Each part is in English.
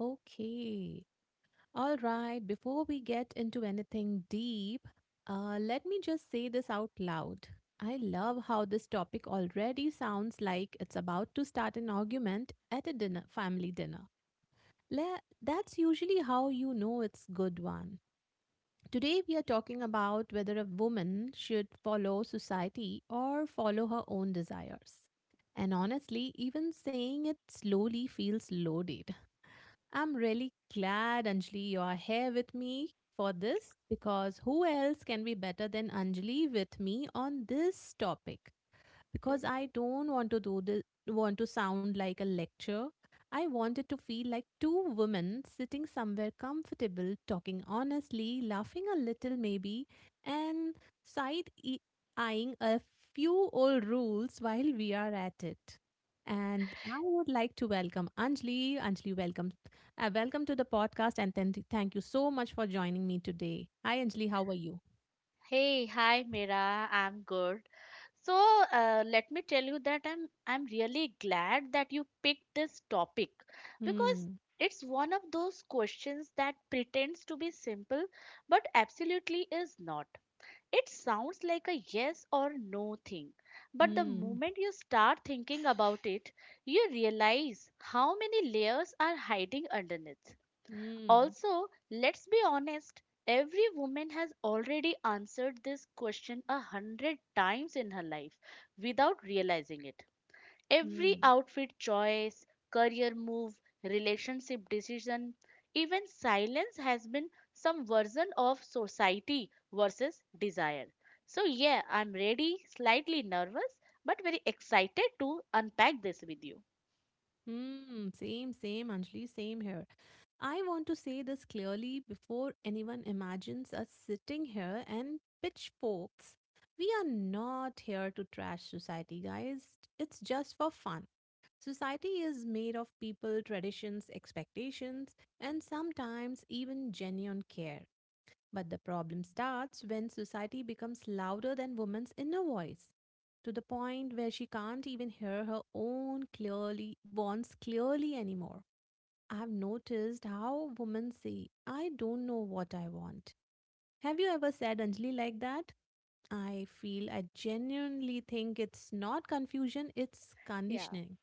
Okay. All right. Before we get into anything deep, let me just say this out loud. I love how this topic already sounds like it's about to start an argument at a dinner, family dinner. That's usually how you know it's good one. Today we are talking about whether a woman should follow society or follow her own desires. And honestly, even saying it slowly feels loaded. I'm really glad, Anjali, you are here with me for this, because who else can be better than Anjali with me on this topic? Because I don't want to do this, want to sound like a lecture. I want it to feel like two women sitting somewhere comfortable, talking honestly, laughing a little maybe, and side e- eyeing a few old rules while we are at it. And I would like to welcome Anjali. Anjali, welcome, welcome to the podcast, and then thank you so much for joining me today. Hi, Anjali, how are you? Hey, hi Mira, I'm good. So, let me tell you that I'm really glad that you picked this topic because Hmm. it's one of those questions that pretends to be simple but absolutely is not. It sounds like a yes or no thing, but the Hmm. moment you start thinking about it, you realize how many layers are hiding underneath. Hmm. Also, let's be honest, every woman has already answered this question a hundred times in her life without realizing it. Every Hmm. outfit choice, career move, relationship decision, even silence has been some version of society versus desire. So, yeah, I'm ready, slightly nervous, but very excited to unpack this with you. Hmm, Anjali, same here. I want to say this clearly before anyone imagines us sitting here and pitchforks. We are not here to trash society, guys. It's just for fun. Society is made of people, traditions, expectations, and sometimes even genuine care. But the problem starts when society becomes louder than woman's inner voice, to the point where she can't even hear her own clearly wants clearly anymore. I've noticed how women say, I don't know what I want. Have you ever said Anjali like that? I feel I genuinely think it's not confusion, it's Yeah. conditioning.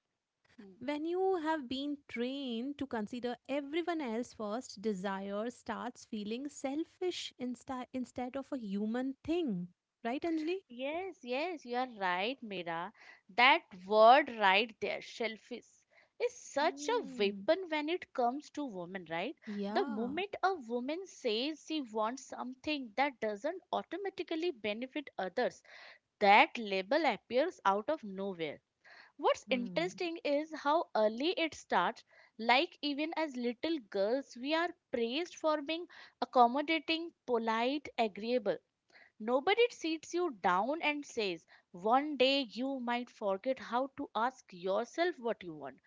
When you have been trained to consider everyone else first, desire starts feeling selfish instead of a human thing. Right, Anjali? Yes, yes, you are right, Mira. That word right there, shellfish, is such a Hmm. weapon when it comes to women, right? The Yeah. moment a woman says she wants something that doesn't automatically benefit others, that label appears out of nowhere. What's Hmm. interesting is how early it starts. Like, even as little girls, we are praised for being accommodating, polite, agreeable. Nobody sits you down and says, one day you might forget how to ask yourself what you want.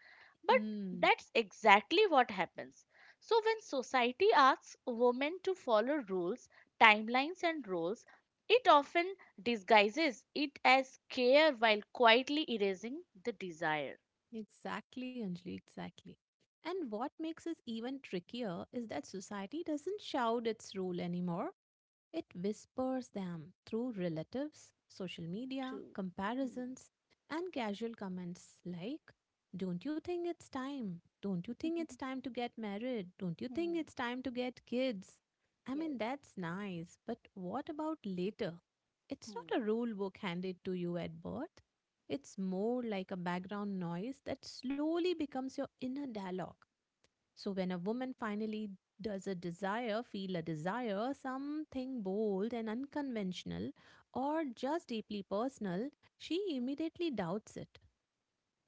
But Hmm. that's exactly what happens. So, when society asks women to follow rules, timelines, and roles, it often disguises it as care while quietly erasing the desire. Exactly, Anjali. Exactly. And what makes this even trickier is that society doesn't shout its rule anymore. It whispers them through relatives, social media, True. Hmm. comparisons, and casual comments like, don't you think it's time? Don't you think it's time to get married? Don't you think Hmm. it's time to get kids? I mean, Yes. that's nice, but what about later? It's not a Hmm. rule book handed to you at birth. It's more like a background noise that slowly becomes your inner dialogue. So when a woman finally does a desire feel a desire, something bold and unconventional, or just deeply personal, she immediately doubts it.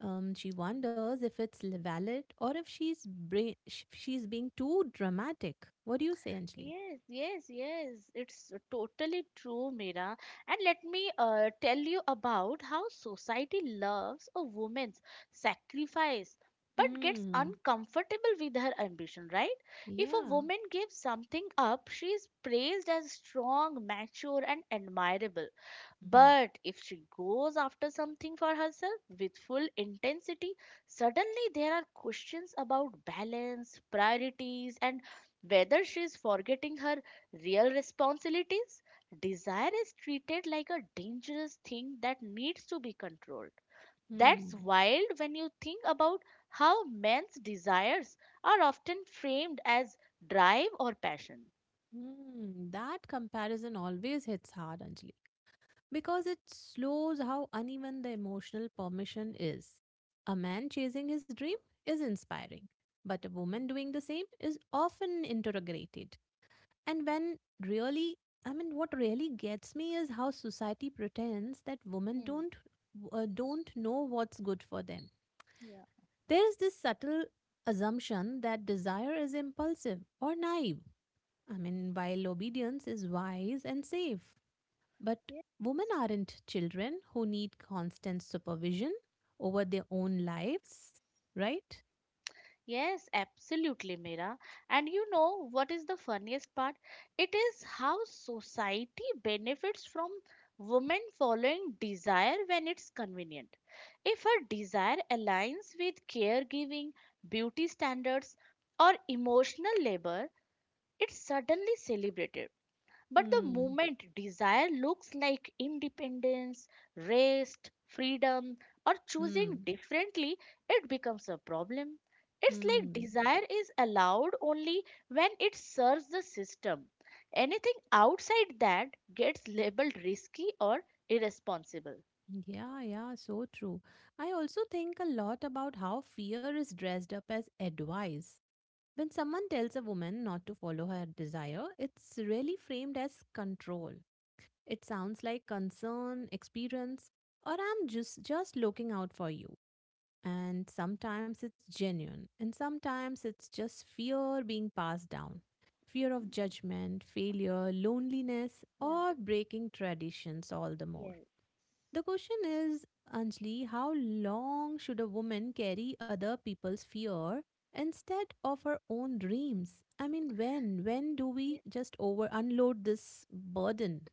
She wonders if it's valid, or if she's being too dramatic. What do you say, Anjali? Yes, yes, yes. It's totally true, Mira. And let me tell you about how society loves a woman's sacrifice but gets Hmm. uncomfortable with her ambition, right? If a Yeah. woman gives something up, she is praised as strong, mature, and admirable. Hmm. But if she goes after something for herself with full intensity, suddenly there are questions about balance, priorities, and whether she is forgetting her real responsibilities. Desire is treated like a dangerous thing that needs to be controlled. That's Hmm. wild when you think about how men's desires are often framed as drive or passion. Hmm. That comparison always hits hard, Anjali, because it slows how uneven the emotional permission is. A man chasing his dream is inspiring, but a woman doing the same is often interrogated. And when really, I mean, what really gets me is how society pretends that women Hmm. Don't know what's good for them. Yeah. There is this subtle assumption that desire is impulsive or naive. I mean, while obedience is wise and safe. But women aren't children who need constant supervision over their own lives, right? Yes, absolutely, Mira. And you know what is the funniest part? It is how society benefits from women following desire when it's convenient. If her desire aligns with caregiving, beauty standards, or emotional labor, it's suddenly celebrated. But the Hmm. moment desire looks like independence, rest, freedom, or choosing Hmm. differently, it becomes a problem. It's like Hmm. desire is allowed only when it serves the system. Anything outside that gets labeled risky or irresponsible. Yeah, yeah, so true. I also think a lot about how fear is dressed up as advice. When someone tells a woman not to follow her desire, it's really framed as control. It sounds like concern, experience, or I'm just looking out for you. And sometimes it's genuine, and sometimes it's just fear being passed down, fear of Hmm. judgment, failure, loneliness, Yeah. or breaking traditions all the more. Yes. The question is, Anjali, how long should a woman carry other people's fear instead of her own dreams? I mean, when? When do we Yes. just over unload this burden?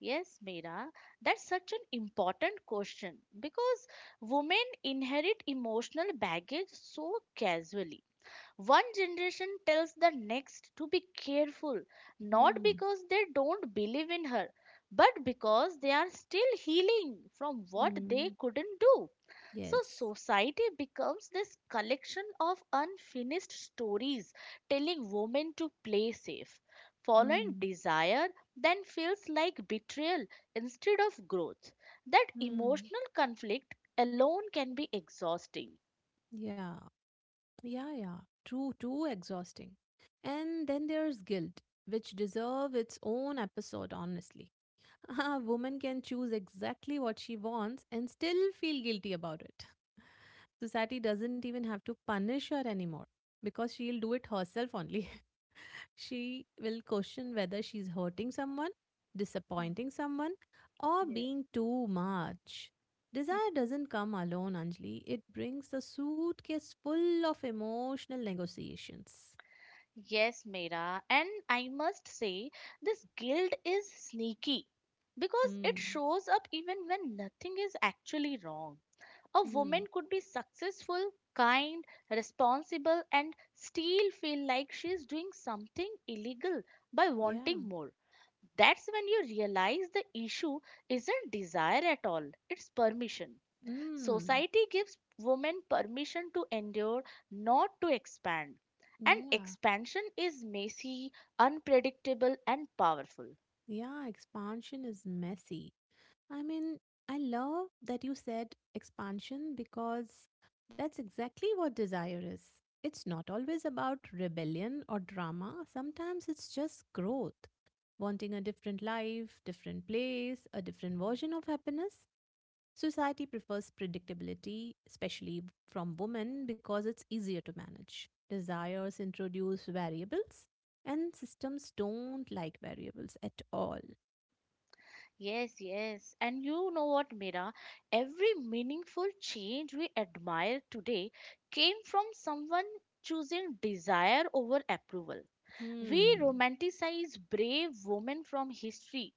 Yes, Meera, that's such an important question because women inherit emotional baggage so casually. One generation tells the next to be careful, not Hmm. because they don't believe in her, but because they are still healing from what they Hmm. couldn't do. So, Yes. society becomes this collection of unfinished stories telling women to play safe. Following Hmm. desire then feels like betrayal instead of growth. That Hmm. emotional conflict alone can be exhausting. Yeah. Yeah, yeah. True, too exhausting. And then there's guilt, which deserve its own episode, honestly. A woman can choose exactly what she wants and still feel guilty about it. Society doesn't even have to punish her anymore because she'll do it herself only. She will question whether she's hurting someone, disappointing someone, or being too much. Desire doesn't come alone, Anjali. It brings a suitcase full of emotional negotiations. Yes, Mera, and I must say this guilt is sneaky because it Hmm. shows up even when nothing is actually wrong. A woman Hmm. could be successful, kind, responsible, and still feel like she is doing something illegal by Yeah. wanting more. That's when you realize the issue isn't desire at all, it's permission. Hmm. Society gives women permission to endure, not to expand. And Yeah. expansion is messy, unpredictable, and powerful. Yeah. Expansion is messy. I mean, I love that you said expansion, because that's exactly what desire is. It's not always about rebellion or drama, sometimes it's just growth. Wanting a different life, different place, a different version of happiness. Society prefers predictability, especially from women, because it's easier to manage. Desires introduce variables, and systems don't like variables at all. Yes, yes. And you know what, Mira? Every meaningful change we admire today came from someone choosing desire over approval. We Hmm. romanticize brave women from history,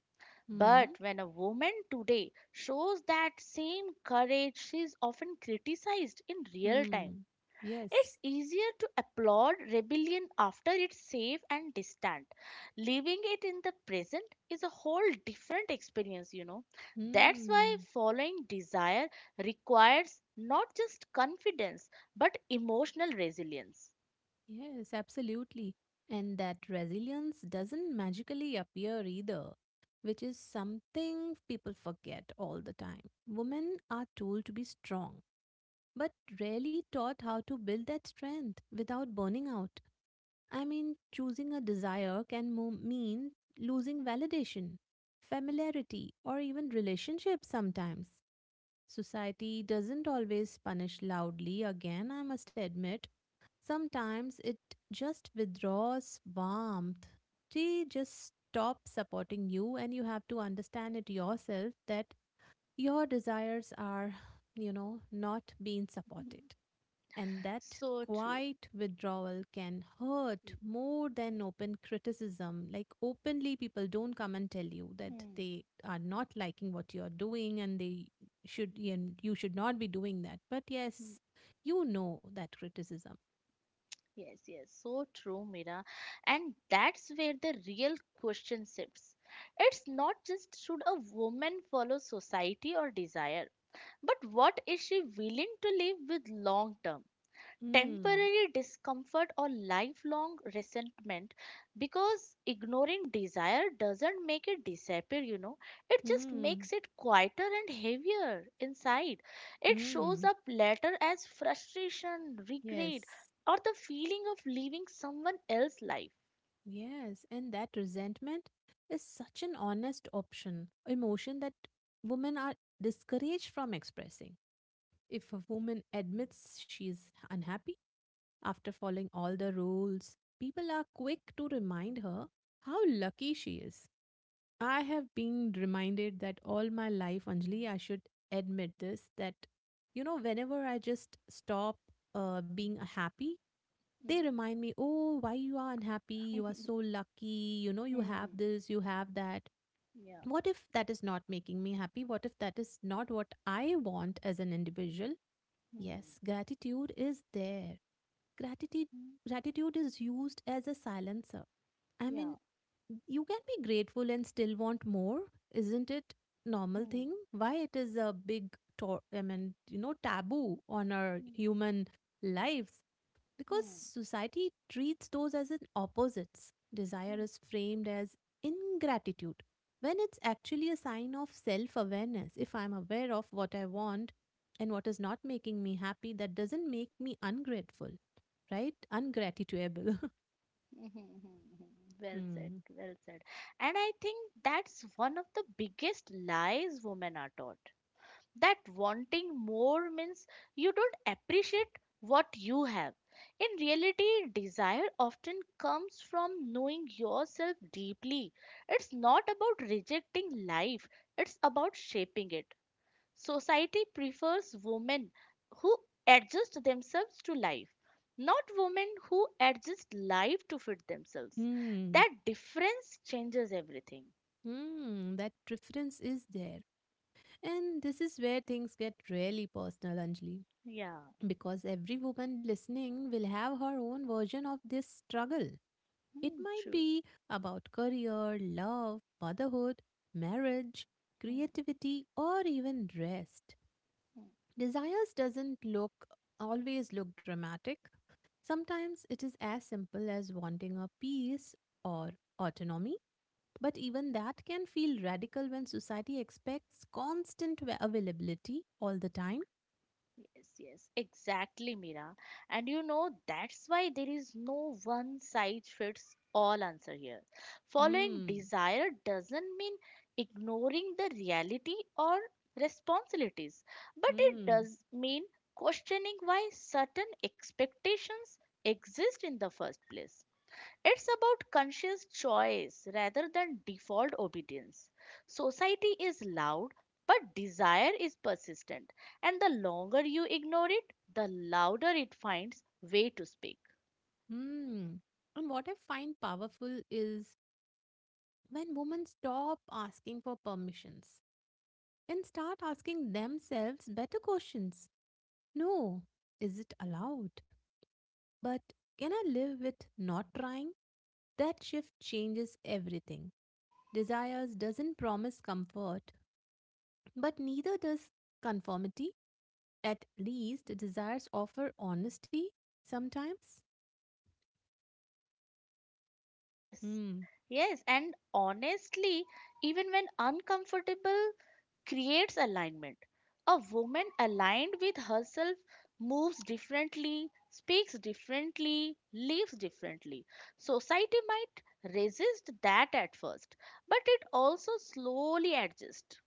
Hmm. but when a woman today shows that same courage, she is often criticized in real time. Mm, yes. It's easier to applaud rebellion after it's safe and distant. Living it in the present is a whole different experience, you know. That's why Mm, following desire requires not just confidence but emotional resilience. yes, absolutely. And that resilience doesn't magically appear either, which is something people forget all the time. Women are told to be strong, but rarely taught how to build that strength without burning out. I mean, choosing a desire can mean losing validation, familiarity, or even relationships sometimes. Society doesn't always punish loudly, again, I must admit. Sometimes it just withdraws warmth. They just stop supporting you, and you have to understand it yourself that your desires are, you know, not being supported. And that So true. quiet withdrawal can hurt more than open criticism. Like, openly, people don't come and tell you Hmm. that Hmm. they are not liking what you're doing and they should, and you should not be doing that. But yes, you know that criticism. Yes, yes, so true, Mira. And that's where the real question shifts. It's not just should a woman follow society or desire, but what is she willing to live with long term? Mm, Temporary discomfort or lifelong resentment, because ignoring desire doesn't make it disappear, you know, it just mm, makes it quieter and heavier inside. It shows mm. up later as frustration, regret, Yes, or the feeling of leaving someone else's life. yes. And that resentment is such an honest option, emotion that women are discouraged from expressing. If a woman admits she's unhappy after following all the rules, people are quick to remind her how lucky she is. I have been reminded that all my life, Anjali, I should admit this that, you know, whenever I just stop being happy, they Hmm. remind me, oh, why you are unhappy? You are so lucky. You know, you have Hmm. this, you have that. Yeah. What if that is not making me happy? What if that is not what I want as an individual? Hmm. Yes, gratitude is there. Gratitude Hmm. gratitude is used as a silencer. I mean, Yeah. you can be grateful and still want more, isn't it? Normal Hmm. thing. Why it is a big I mean, you know, taboo on our human lives, because Hmm. society treats those as an opposites. Desire Hmm. is framed as ingratitude when it's actually a sign of self awareness. If I'm aware of what I want and what is not making me happy, that doesn't make me ungrateful, right? Ungratituable. Well said, Hmm. well said. And I think that's one of the biggest lies women are taught. That wanting more means you don't appreciate what you have. In reality, desire often comes from knowing yourself deeply. It's not about rejecting life, it's about shaping it. Society prefers women who adjust themselves to life, not women who adjust life to fit themselves. Hmm. That difference changes everything. Hmm. That difference is there. And this is where things get really personal, Anjali. Yeah. Because every woman listening will have her own version of this struggle. It Hmm, might true. be about career, love, motherhood, marriage, Hmm. creativity, or even rest. Hmm. Desires doesn't look always look dramatic. Sometimes it is as simple as wanting a peace or autonomy, but even that can feel radical when society expects constant availability all the time. Yes, yes, exactly, Mira. And you know, that's why there is no one size fits all answer here. Following Hmm. desire doesn't mean ignoring the reality or responsibilities, but it Hmm. does mean questioning why certain expectations exist in the first place. It's about conscious choice rather than default obedience. Society is loud, but desire is persistent, and the longer you ignore it, the louder it finds way to speak. Hmm. And what I find powerful is when women stop asking for permissions and start asking themselves better questions. No, is it allowed? But can I live with not trying? That shift changes everything. Desires doesn't promise comfort, but neither does conformity. At least desires offer honesty sometimes. Yes, Hmm. yes, and honestly, even when uncomfortable, creates alignment. A woman aligned with herself moves differently, speaks differently, lives differently. Society might resist that at first, but it also slowly adjusts.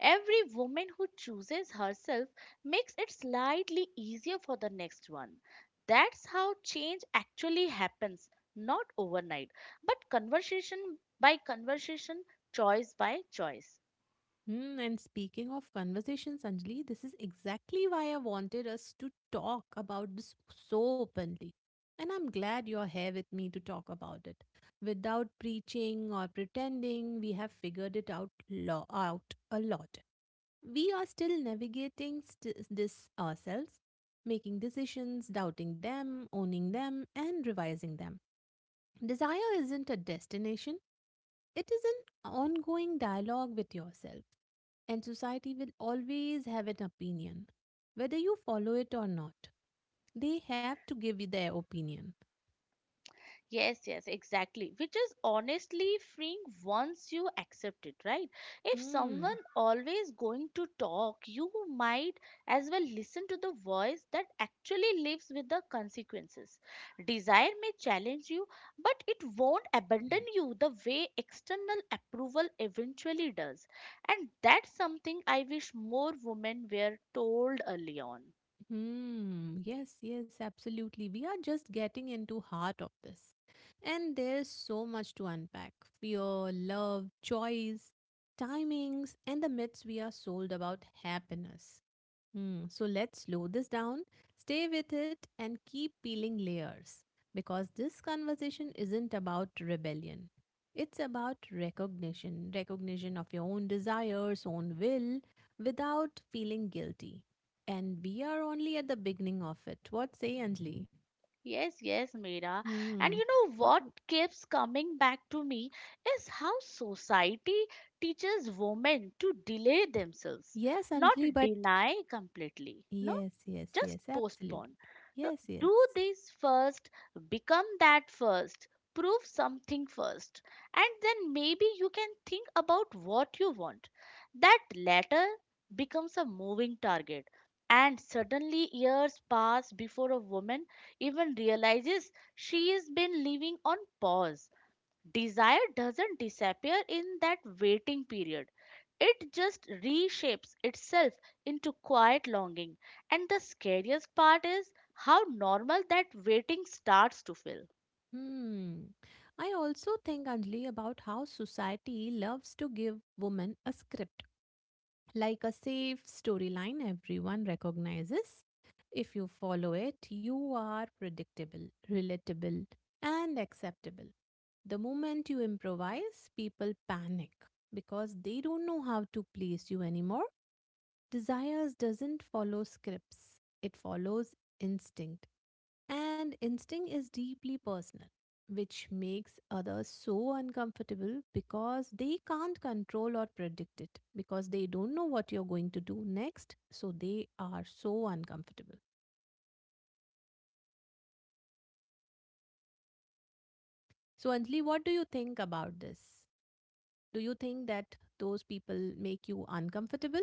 Every woman who chooses herself makes it slightly easier for the next one. That's how change actually happens, not overnight, but conversation by conversation, choice by choice. Hmm, and speaking of conversations, Anjali, this is exactly why I wanted us to talk about this so openly. And I'm glad you're here with me to talk about it. Without preaching or pretending, we have figured it out a lot. We are still navigating this ourselves, making decisions, doubting them, owning them, and revising them. Desire isn't a destination, it is an ongoing dialogue with yourself, and society will always have an opinion. Whether you follow it or not, they have to give you their opinion. Yes, yes, exactly. Which is honestly freeing once you accept it, right? If someone Hmm. always going to talk, you might as well listen to the voice that actually lives with the consequences. Desire may challenge you, but it won't abandon you the way external approval eventually does. And that's something I wish more women were told early on. Hmm. Yes, yes, absolutely. We are just getting into heart of this. And there's so much to unpack. Fear, love, choice, timings, and the myths we are sold about happiness. Hmm, so let's slow this down, stay with it, and keep peeling layers. Because this conversation isn't about rebellion. It's about recognition, recognition of your own desires, own will, without feeling guilty. And we are only at the beginning of it. What say, Anjali? Yes, yes, Meera. And Hmm. you know What? what keeps coming back to me is how society teaches women to delay themselves, Yes, not Anjali, but deny completely. No, yes, yes, just yes, absolutely. postpone. So Yes, yes. do this first, become that first, prove something first, and then maybe you can think about what you want. That latter becomes a moving target. And suddenly, years pass before a woman even realizes she has been living on pause. Desire doesn't disappear in that waiting period. It just reshapes itself into quiet longing. And the scariest part is how normal that waiting starts to feel. Hmm. I also think, Anjali, about how society loves to give women a script, like a safe storyline everyone recognizes. If you follow it, you are predictable, relatable, and acceptable. The moment you improvise, people panic because they don't know how to place you anymore. Desires doesn't follow scripts, it follows instinct. And instinct is deeply personal, which makes others so uncomfortable because they can't control or predict it, because they don't know what you're going to do next. So they are so uncomfortable. So, Anjali, what do you think about this? Do you think that those people make you uncomfortable?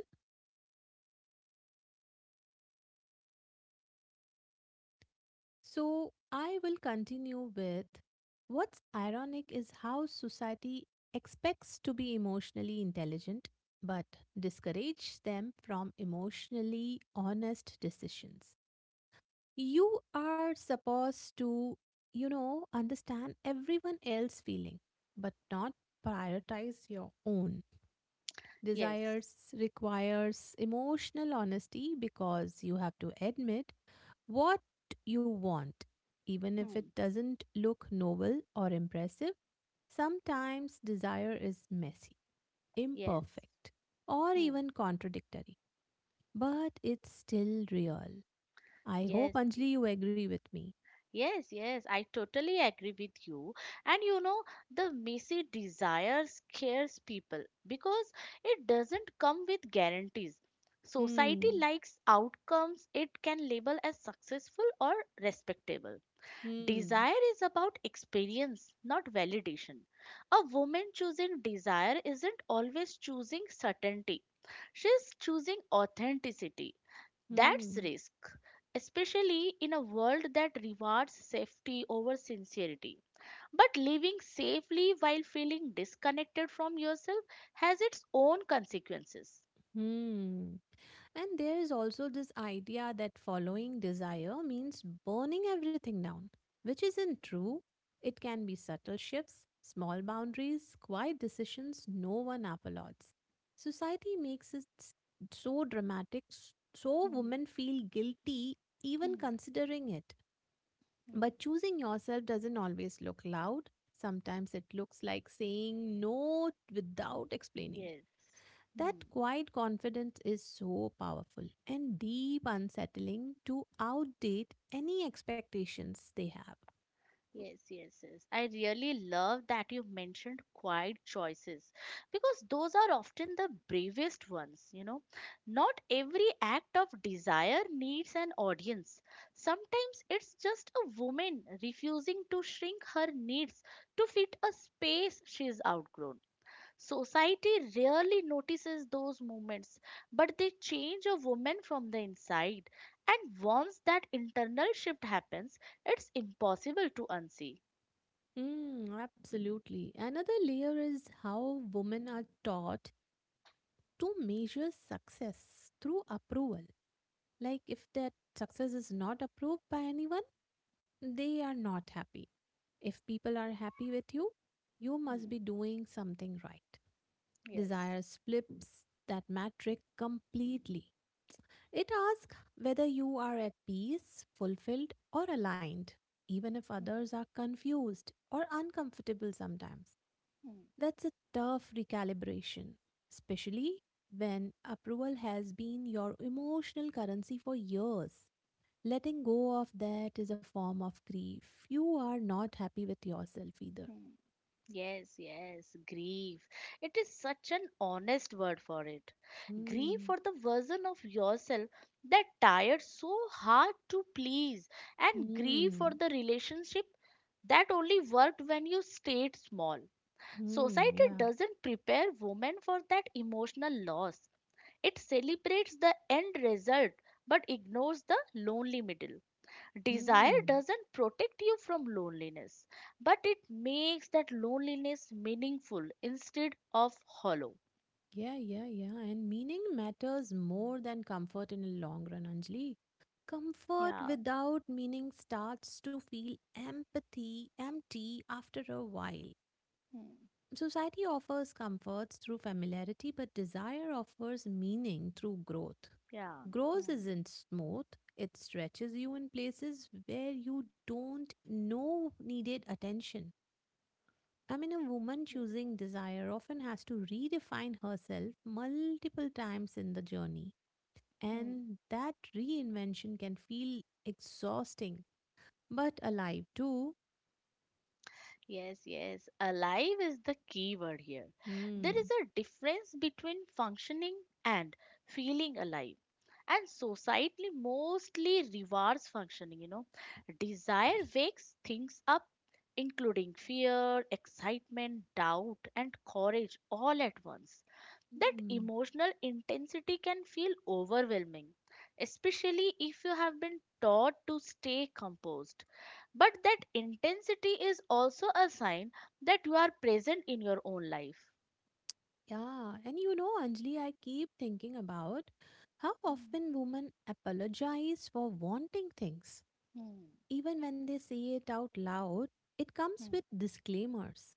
So I will continue with what's ironic is how society expects to be emotionally intelligent but discourages them from emotionally honest decisions. You are supposed to, understand everyone else's feeling but not prioritize your own Yes. desires. Requires emotional honesty because you have to admit what you want, even if it Hmm. doesn't look noble or impressive. Sometimes desire is messy, Yes. imperfect, or Hmm. even contradictory, but it's still real. I hope, Yes. Anjali, you agree with me. Yes, yes, I totally agree with you. And you know, the messy desire scares people because it doesn't come with guarantees. Society Hmm, likes outcomes it can label as successful or respectable. hmm, Desire is about experience, not validation. A woman choosing desire isn't always choosing certainty, she's choosing authenticity. That's hmm, risk, especially in a world that rewards safety over sincerity. But living safely while feeling disconnected from yourself has its own consequences. hmm. And there is also this idea that following desire means burning everything down, which isn't true. It can be subtle shifts, small boundaries, quiet decisions no one applauds. Society makes it so dramatic, so Hmm, women feel guilty even hmm, considering it. But hmm. choosing yourself doesn't always look loud. Sometimes it looks like saying no without explaining Yes. Hmm. that quiet confidence is so powerful and deep unsettling to outdate any expectations they have. Yes, yes, yes. I really love that you mentioned quiet choices because those are often the bravest ones, you know. Not every act of desire needs an audience. Sometimes it's just a woman refusing to shrink her needs to fit a space she's outgrown. Society rarely notices those movements, but they change a woman from the inside. And once that internal shift happens, it's impossible to unsee. Mm, absolutely. Another layer is how women are taught to measure success through approval. Like if that success is not approved by anyone, they are not happy. If people are happy with you, you must Hmm. be doing something right. Yes. Desire flips that metric completely. It asks whether you are at peace, fulfilled, or aligned, even if Hmm. others are confused or uncomfortable sometimes. Hmm. That's a tough recalibration, especially when approval has been your emotional currency for years. Letting go of that is a form of grief. You are not happy with yourself either. Hmm. Yes, yes, grief. It is such an honest word for it. Grief Hmm. for the version of yourself that tired so hard to please, and grief for Hmm. the relationship that only worked when you stayed small. Hmm. Society Yeah. doesn't prepare women for that emotional loss. It celebrates the end result but ignores the lonely middle. Desire Hmm. doesn't protect you from loneliness, but it makes that loneliness meaningful instead of hollow. Yeah, yeah, yeah. And meaning matters more than comfort in the long run, Anjali. Comfort Yeah. without meaning starts to feel empathy, empty after a while. Hmm. Society offers comforts through familiarity, but desire offers meaning through growth. Yeah. Growth Hmm. isn't smooth, it stretches you in places where you don't know needed attention. I mean, a woman Yes. choosing desire often has to redefine herself multiple times in the journey, Hmm. and that reinvention can feel exhausting but alive too. Yes, yes. Alive is the key word here. There is Hmm. a difference between functioning and feeling alive. And society mostly rewards functioning, you know. Desire wakes things up, including fear, excitement, doubt, and courage all at once. That Hmm. emotional intensity can feel overwhelming, especially if you have been taught to stay composed. But that intensity is also a sign that you are present in your own life. Yeah, and Anjali, I keep thinking about how Hmm, often women apologize for wanting things. hmm, Even when they say it out loud, it comes hmm, with disclaimers.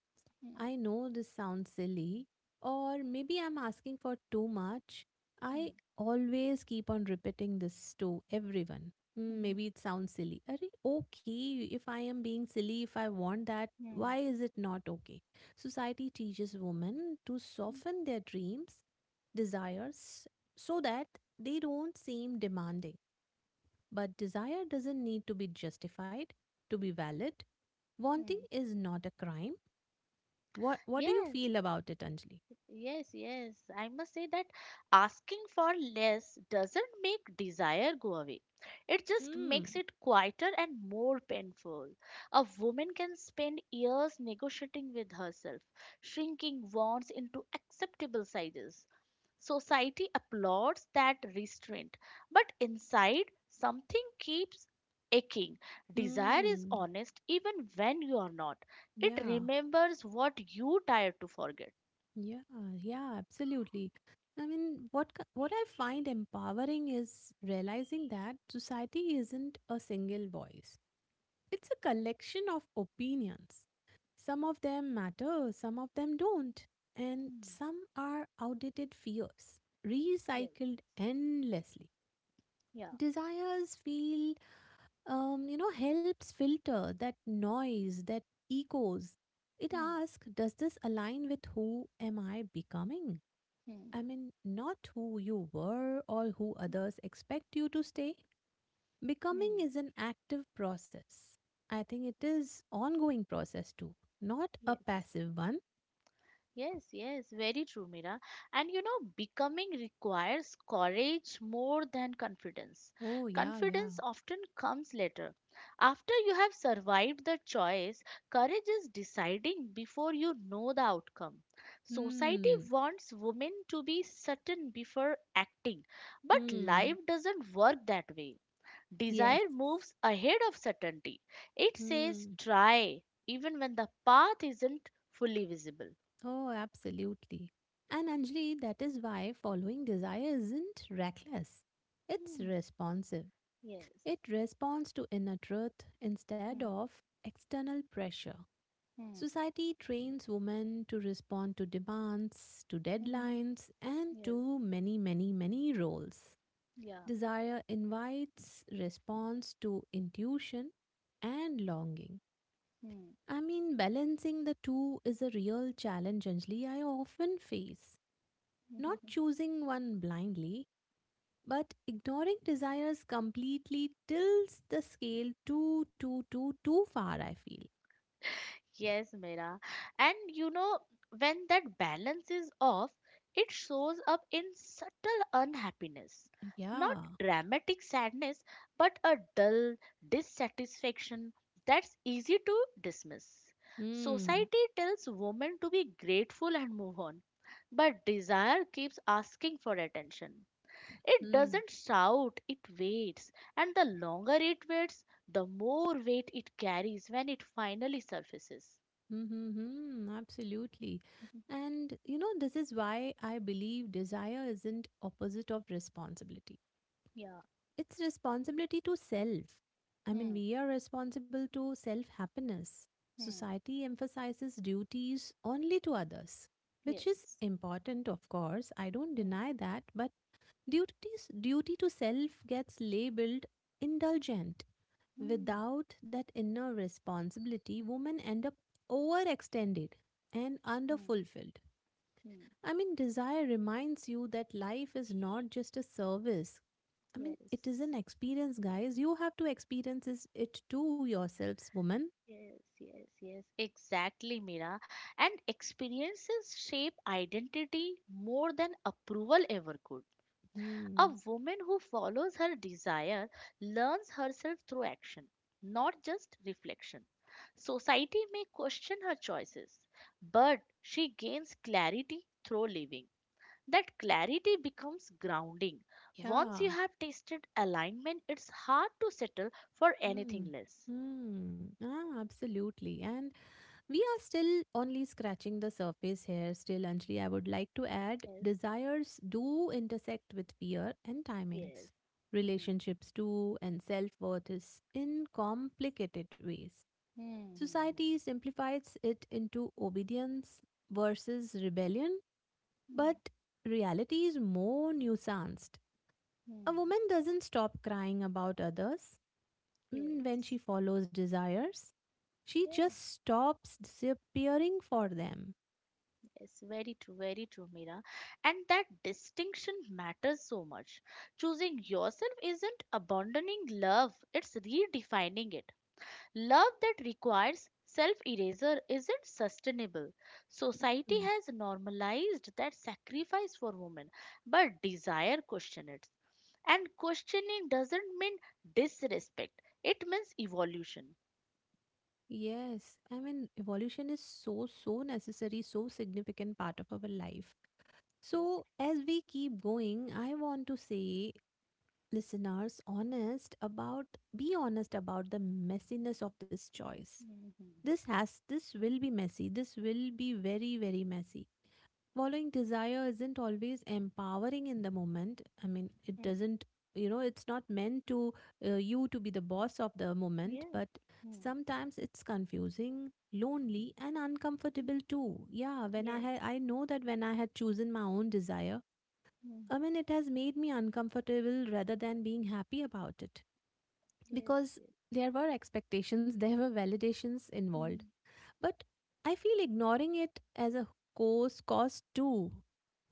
I know this sounds silly, or maybe I'm asking for too much. I hmm, always keep on repeating this to everyone. Hmm, hmm, maybe it sounds silly. Are okay? If I am being silly, if I want that, hmm, why is it not okay? Society teaches women to soften their dreams, desires, so that they don't seem demanding. But desire doesn't need to be justified to be valid. hmm. Wanting Hmm. is not a crime. What do you Yes. feel about it, Anjali? Yes, yes. I must say that asking for less doesn't make desire go away. It just Hmm. makes it quieter and more painful. A woman can spend years negotiating with herself, shrinking wants into acceptable sizes. Society applauds that restraint, but inside, something keeps aching. Desire is Hmm. honest even when you are not. It Yeah. remembers what you tired to forget. Yeah. Yeah. Absolutely. I mean, what I find empowering is realizing that society isn't a single voice. It's a collection of opinions. Some of them matter, some of them don't, and Hmm. some are outdated fears, Yes. recycled endlessly. Yeah. Desires feel helps filter that noise, that echoes. It Hmm. asks, does this align with who am I becoming? I Hmm. mean, not who you were or who others expect you to stay. Becoming Hmm. is an active process. I think it is ongoing process too, not a Yes. passive one. Yes. Yes. Very true, Mira. And you know, becoming requires courage more than confidence. Oh yeah, yeah. Confidence often comes later. After you have survived the choice, courage is deciding before you know the outcome. Society Hmm. wants women to be certain before acting, but life Hmm. doesn't work that way. Yes. Desire moves ahead of certainty. It says Hmm. try, even when the path isn't fully visible. Oh, absolutely. And Anjali, that is why following desire isn't reckless. It's Hmm. responsive. Yes. It responds to inner truth instead Hmm. of external pressure. Society trains women to respond to demands, to Hmm. deadlines, and Yes. to many, many, many roles. Yeah. Desire invites response to intuition and longing. I mean, balancing the two is a real challenge, Anjali, I often face. Hmm. Not choosing one blindly, but ignoring desires completely tilts the scale too, too, too, too far, I feel. Yes, Mira. And you know, when that balance is off, it shows up in subtle unhappiness. Not Yeah. dramatic sadness, but a dull dissatisfaction that's easy to dismiss. Hmm. Society tells women to be grateful and move on, but desire keeps asking for attention. It Hmm. doesn't shout, it waits, and the longer it waits, the more weight it carries when it finally surfaces. Hmm. Hmm. Hmm. Absolutely. Mhm. And this is why I believe desire isn't opposite of responsibility. Yeah. It's responsibility to self. I mean, Hmm. we are responsible to self happiness. Hmm. Society emphasizes duties only to others, which is Yes. important, of course. I don't Hmm. deny that, but duty to self gets labeled indulgent. Hmm. Without that inner responsibility, women end up overextended and Hmm. underfulfilled. Hmm. I mean, desire reminds you that life is not just a service. I mean, Yes. it is an experience, guys. You have to experience it too yourselves, woman. Yes. Yes. Yes. Exactly, Mira. And experiences shape identity more than approval ever could. A Hmm. woman who follows her desire learns herself through action, not just reflection. Society may question her choices, but she gains clarity through living. That clarity becomes grounding. Once Yeah. you have tasted alignment, it's hard to settle for Hmm. anything less. Hmm. Ah, absolutely. And we are still only scratching the surface here. Still, Anjali, I would like to add Yes, desires do intersect with fear and yes. timings, Hmm. relationships too, and self worth is in complicated ways. Hmm. Hmm. Society simplifies it into obedience versus rebellion, Hmm. Hmm. but reality is more nuanced. A Hmm. woman doesn't stop crying about others when Yes. she follows desires. She just Yes, stops disappearing for them. yes, very true, Mira. And that distinction matters so much. Choosing yourself isn't abandoning love, it's redefining it. Love that requires self erasure isn't sustainable. Society Mm. has normalized that sacrifice for women, but desire question it. And questioning doesn't mean disrespect, it means evolution. Yes, I mean, evolution is so, so necessary, so significant part of our life. Yes. So, as we keep going, I want to say listeners honest about be honest about the messiness of this choice. Mhm. This will be messy. This will be very, very messy. Following desire isn't always empowering in the moment. I mean, it Mm. doesn't, it's not meant to you to be the boss of the moment, Yeah. but Mm. sometimes it's confusing, lonely, and uncomfortable Mm. too. Yeah, when I had I Yes. know that when I had chosen my own desire, Mm. I mean, it has made me uncomfortable rather than being happy about it, Yes. because Yes. there were expectations, there were validations involved. Mm. But I feel ignoring it as a cost too.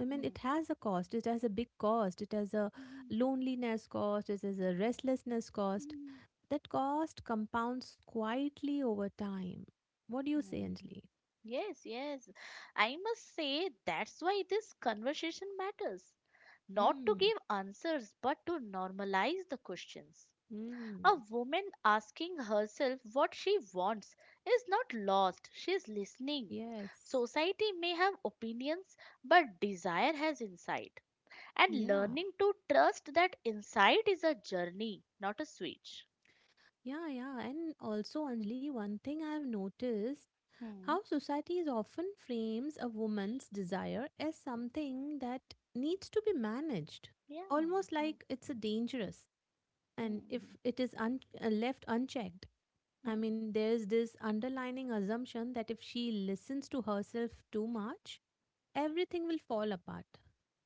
I mean, Mm. it has a cost. It has a big cost. It has a Mm. loneliness cost. It has a restlessness cost. Mm. That cost compounds quietly over time. What do you say, Mm. Anjali? Yes, yes. I must say that's why this conversation matters. Not to Hmm. give answers but to normalize the questions. Hmm. A woman asking herself what she wants is not lost, she is listening. Yes. Society may have opinions, but desire has insight. And Yeah. learning to trust that insight is a journey, not a switch. Yeah, yeah. And also, Anjali, one thing I've noticed: Hmm. how society is often frames a woman's desire as something that needs to be managed, Yeah. almost Hmm. like it's a dangerous. And Hmm. if it is left unchecked, I Hmm. mean, there's this underlining assumption that if she listens to herself too much, everything will fall apart.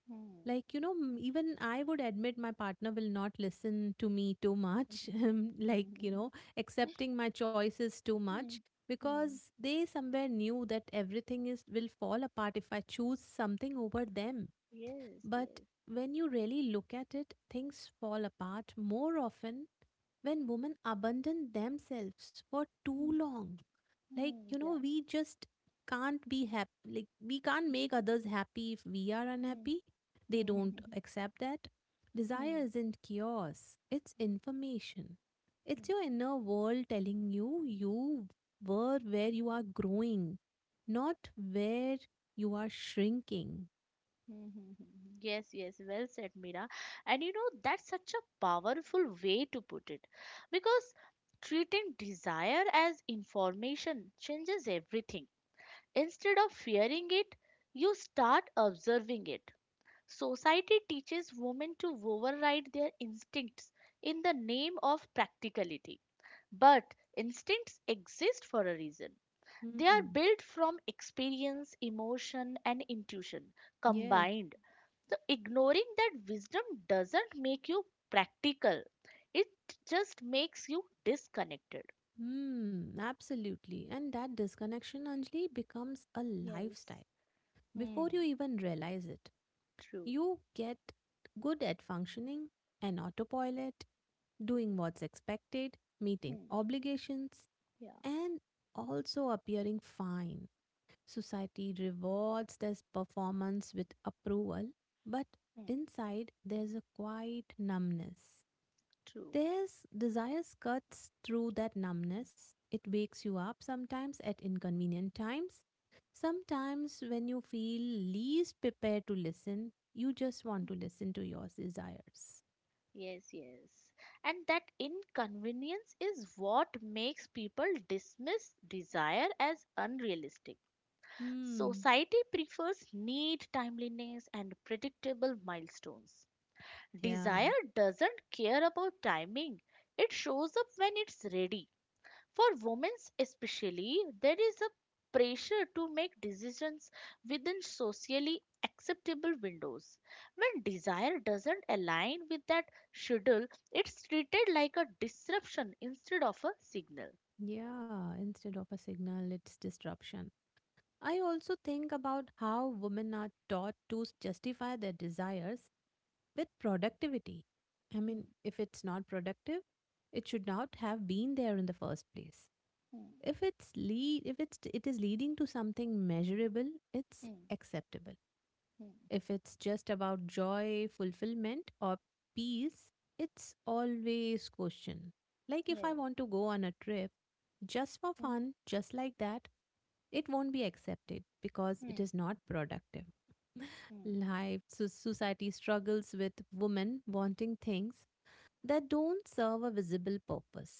Hmm. Like, even I would admit my partner will not listen to me too much, like, Mhm. Mhm. accepting my choices too much, Hmm. Hmm. because they somewhere knew that everything is will fall apart if I choose something over them. Yes. But Yes. when you really look at it, things fall apart more often when women abandon themselves for too Hmm. long. Like, Hmm. Yeah. we just can't be happy. Like, we can't make others happy if we are Hmm. unhappy. They don't Hmm. accept that. Desire Hmm. isn't chaos, it's Hmm. information. It's Hmm. your inner world telling you were where you are growing, not where you are shrinking. Hmm. Hmm. Hmm. Yes, yes, well said, Mira. That's such a powerful way to put it because treating desire as information changes everything. Instead of fearing it, you start observing it. Society teaches women to override their instincts in the name of practicality. But instincts exist for a reason. They are Hmm. built from experience, emotion, and intuition Yes. combined. So, ignoring that wisdom doesn't make you practical, it just makes you disconnected. Hmm. Absolutely. And that disconnection, Anjali, becomes a Yes. lifestyle before you Hmm, even realize it. true. You get good at functioning an autopilot, doing what's expected, meeting Hmm. obligations, Yeah. and also appearing fine. Society rewards this performance with approval, but Hmm, inside there's a quiet numbness. true. This desire cuts through that numbness. It wakes you up sometimes at inconvenient times. Sometimes when you feel least prepared to listen, you just want to listen to your desires. Yes, yes. And that inconvenience is what makes people dismiss desire as unrealistic. Hmm. Society prefers neat timeliness and predictable milestones. Yeah. Desire doesn't care about timing. It shows up when it's ready. For women especially, there is a pressure to make decisions within socially acceptable windows. When desire doesn't align with that schedule, it's treated like a disruption instead of a signal. Yeah. Instead of a signal, it's disruption. I also think about how women are taught to justify their desires with productivity. I mean, Hmm, if it's not productive, it should not have been there in the first place. hmm, If it's lead if it's It is leading to something measurable, it's hmm, acceptable. hmm. If it's just about joy, fulfillment, or peace, it's always question. Like, if I Yes. want to go on a trip just for Hmm, fun, just like that, it won't be accepted because it hmm, is not productive life. So society struggles with women wanting things that don't serve a visible purpose.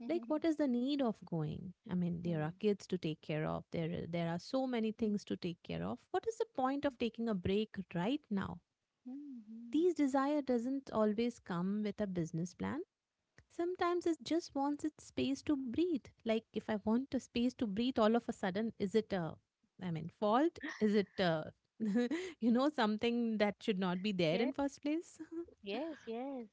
hmm. Like, what is the need of going? I mean, Hmm, there hmm, are kids to take care of, there are so many hmm, things to take care of, what is the point of taking a break right now? hmm, hmm, These desire doesn't always come with a business plan. Sometimes it just wants its space to breathe. Like, if I want a space to breathe all of a sudden, is it a, I mean, fault? Is it, something that should not be there hmm. in first place? Yes, yes.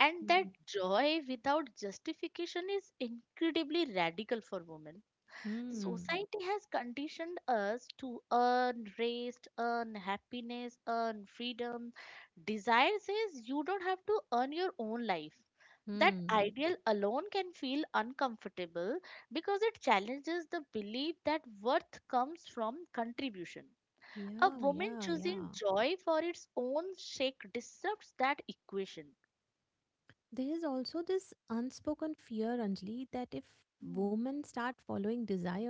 And that Mm. joy without justification is incredibly radical for women. Hmm. Society has conditioned us to earn rest, earn happiness, earn freedom. Desire says you don't have to earn your own life. That Hmm. ideal alone can feel uncomfortable because it challenges the belief that worth comes from contribution. A Yeah, woman yeah, yeah. choosing joy for its own sake disrupts that equation. There is also this unspoken fear, Anjali, that if Mm, women start following desire,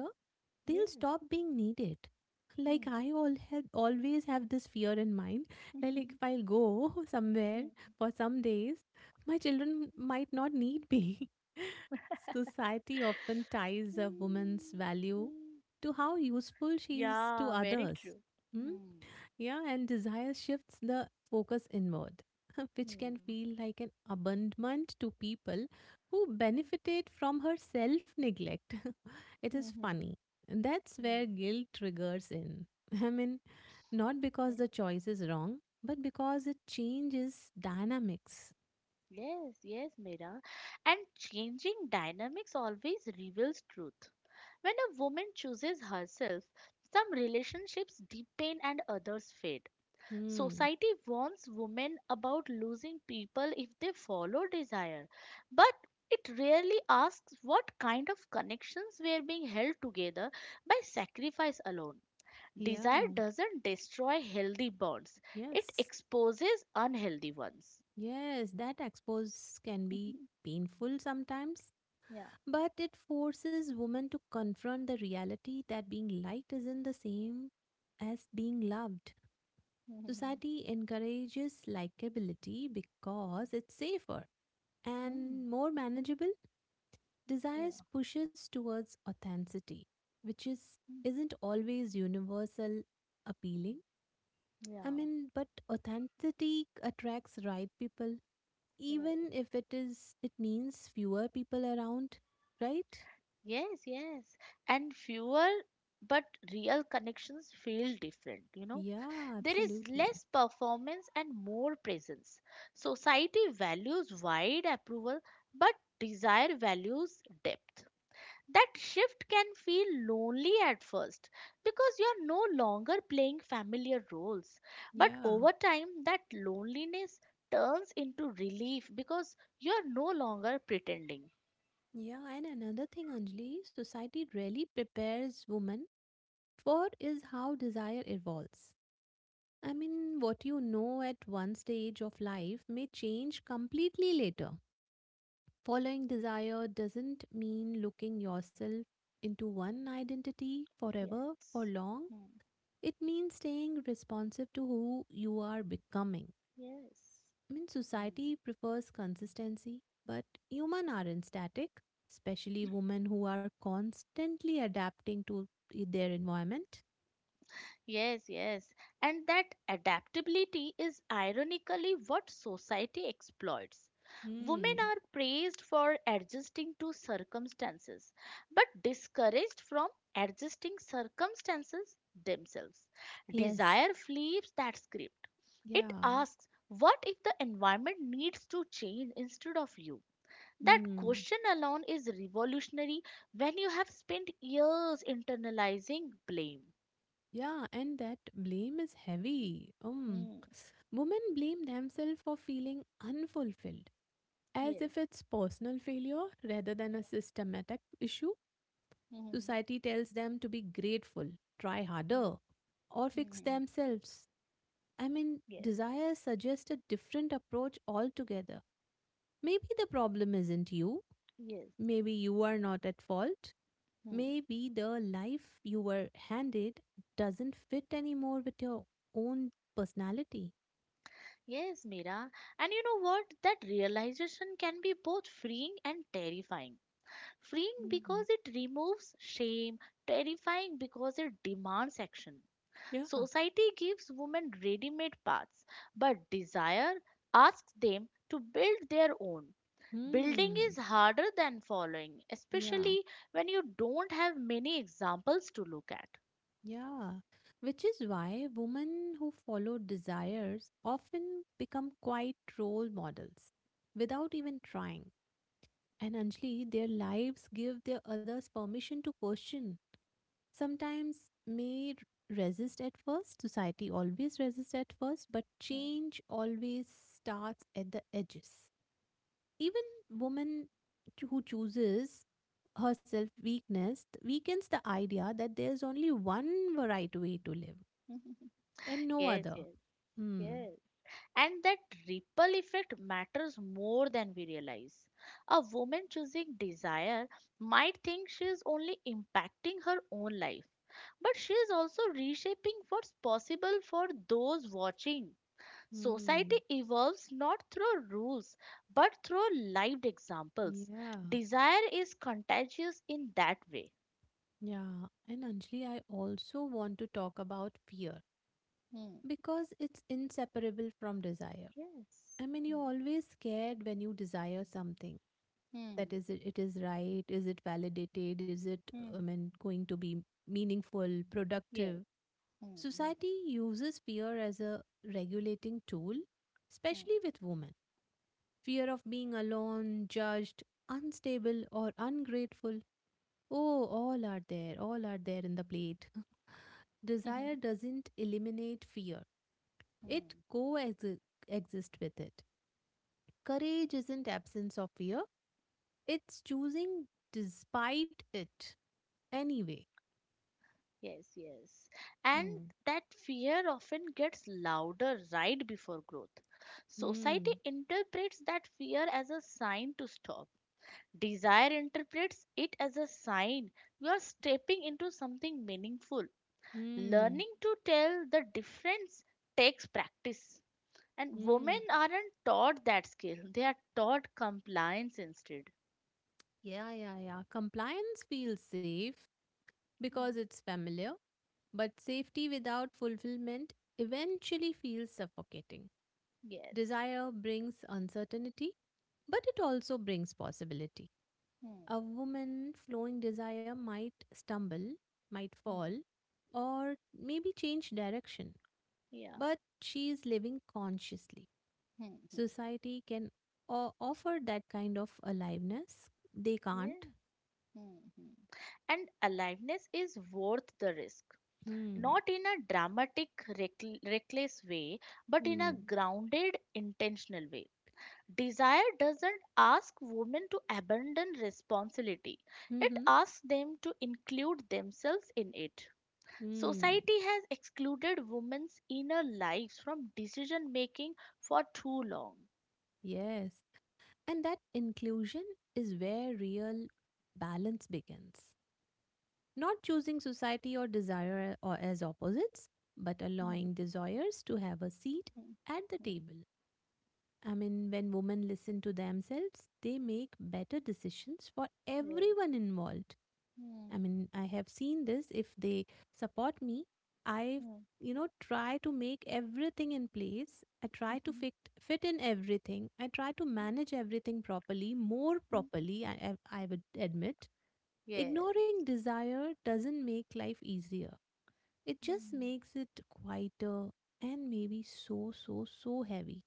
they'll yes. stop being needed. Like, Mm. I all have always have this fear in mind. That, like, if I'll go somewhere Mm. for some days, my children might not need me. Society often ties a woman's Mm. value Mm. to how useful she is to Yeah, very others. true. Hmm? Hmm. Yeah, and desire shifts the focus inward, which can Hmm. feel like an abandonment to people who benefited from her self neglect. It is Hmm. Hmm. funny. And that's where guilt triggers in. I mean, not because the choice is wrong, but because it changes dynamics. Yes, yes, Mira. And changing dynamics always reveals truth. When a woman chooses herself, some relationships deepen and others fade. Hmm. Society warns women about losing people if they follow desire, but it rarely asks what kind of connections were being held together by sacrifice alone. Desire Yeah. doesn't destroy healthy bonds, it Yes. exposes unhealthy ones. Yes. That expose can be painful sometimes, yeah. but it forces women to confront the reality that being liked isn't the same as being loved. Society encourages likability because it's safer Hmm. and more manageable. Desires Yeah. pushes towards authenticity, which is Hmm. isn't always universal appealing. I mean, but authenticity attracts right people, even Yeah. if it means fewer people around, right? Yes, yes. And fewer but real connections feel different, Yeah, There is absolutely. less performance and more presence. Society values wide approval but desire values depth. That shift can feel lonely at first because you are no longer playing familiar roles. But Yeah. over time, that loneliness turns into relief because you are no longer pretending. Yeah, and another thing, Anjali, society really prepares women for is how desire evolves. What you know at one stage of life may change completely later. Following desire doesn't mean looking yourself into one identity forever for Yes. long. Hmm. It means staying responsive to who you are becoming. Yes. Hmm. Society prefers consistency, but human aren't static, especially women who are constantly adapting to their environment. Yes, yes. And that adaptability is ironically what society exploits. Women Hmm. are praised for adjusting to circumstances, but discouraged from adjusting circumstances themselves. Yes. Desire flips that script. It Yeah. asks, what if the environment needs to change instead of you? That Hmm. question alone is revolutionary when you have spent years internalizing blame. Yeah, and that blame is heavy. Hmm. Women blame themselves for feeling unfulfilled, as Yes. if it's personal failure rather than a systematic issue. Hmm. Society tells them to be grateful, try Hmm. harder, or Hmm. fix Hmm. themselves. Yes. Desires suggest a different approach altogether. Maybe the problem isn't you. Yes. Maybe you are not at fault. Hmm. Maybe the life you were handed doesn't fit anymore with your own personality. Yes, Mira. And you know what? That realization can be both freeing and terrifying. Freeing Mm. because it removes shame, terrifying because it demands action. Yeah. Society gives women ready made paths, but desire asks them to build their own. Building is Hmm. harder than following, Yeah. especially when you don't have many examples to look at. Yeah. Which is why women who follow desires often become quite role models without even trying. And Anjali, their lives give their others permission to question. Sometimes may resist at first, society always resists at first, but Hmm. change always starts at the edges. Even woman who chooses herself weakness weakens the idea that there's only one right way to live and no yes, other. yes, Hmm. yes. And that ripple effect matters more than we realize. A woman choosing desire might think she is only impacting her own life, but she is also reshaping what's possible for those watching. Society Hmm. evolves not through rules but through lived examples. Yeah. Desire is contagious in that way. Yeah. And Anjali, I also want to talk about fear, Hmm. because it's inseparable from desire. Yes. You're Mm. always scared when you desire something. That is, it is right? Is it validated? Is it, Hmm. Hmm. Going to be meaningful, Yes. productive? Hmm. Society uses fear as a regulating tool, Hmm. especially with women. Fear of being alone, judged, unstable, or ungrateful. Oh, all are there in the plate. Hmm. Desire doesn't eliminate fear, Hmm. it coexist with it. Courage isn't absence of fear, it's choosing despite it anyway. Yes, yes. And Hmm. that fear often gets louder right before growth. Society Hmm. interprets that fear as a sign to stop. Desire interprets it as a sign you are stepping into something meaningful. Hmm. Learning to tell the difference takes practice, and Hmm. women aren't taught that skill. They are taught compliance instead. Yeah, yeah, yeah. Compliance feels safe because Hmm. it's familiar, but safety without fulfillment eventually feels suffocating. Yes. Desire brings uncertainty, but it also brings possibility. Hmm. A woman flowing desire might stumble, might Hmm. fall, or maybe change direction, Yeah. but she is living consciously. Hmm. Hmm. Society can offer that kind of aliveness. They Yeah. can't. Hmm. Hmm. And aliveness is worth the risk, Hmm. not in a dramatic reckless way, but in a Hmm. grounded intentional way. Desire doesn't ask women to abandon responsibility, it Mm-hmm. asks them to include themselves in it. Hmm. Society has excluded women's inner lives from decision making for too long. Yes. And that inclusion is where real balance begins. Not choosing society or desire or as opposites, but Mhm, allowing desires to have a seat mhm, at the mhm. table. When women listen to themselves, they make better decisions for Yes. everyone involved. I have seen this. If they support me, I, try to make everything in place. I Mm, mm, try to mhm, fit in everything. I try to manage everything properly, more mhm. properly. I would admit. Yes. Ignoring desire doesn't make life easier. It just Mm. makes it quieter and maybe so, so, so heavy.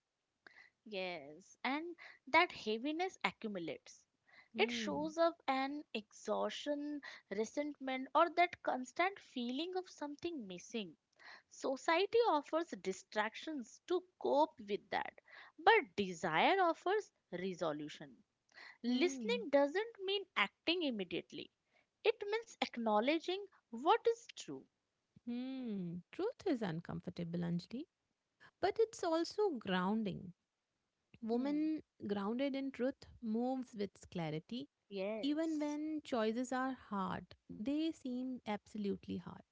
Yes. And that heaviness accumulates. It Hmm. shows up an exhaustion, resentment, or that constant feeling of something missing. Society offers distractions to cope with that, but desire offers resolution. Hmm. Listening doesn't mean acting immediately, it means acknowledging what is true. Hmm. Truth is uncomfortable, Anjali, but it's also grounding. Hmm. Woman grounded in truth moves with clarity. Even Yes. when choices are hard, they seem absolutely hard.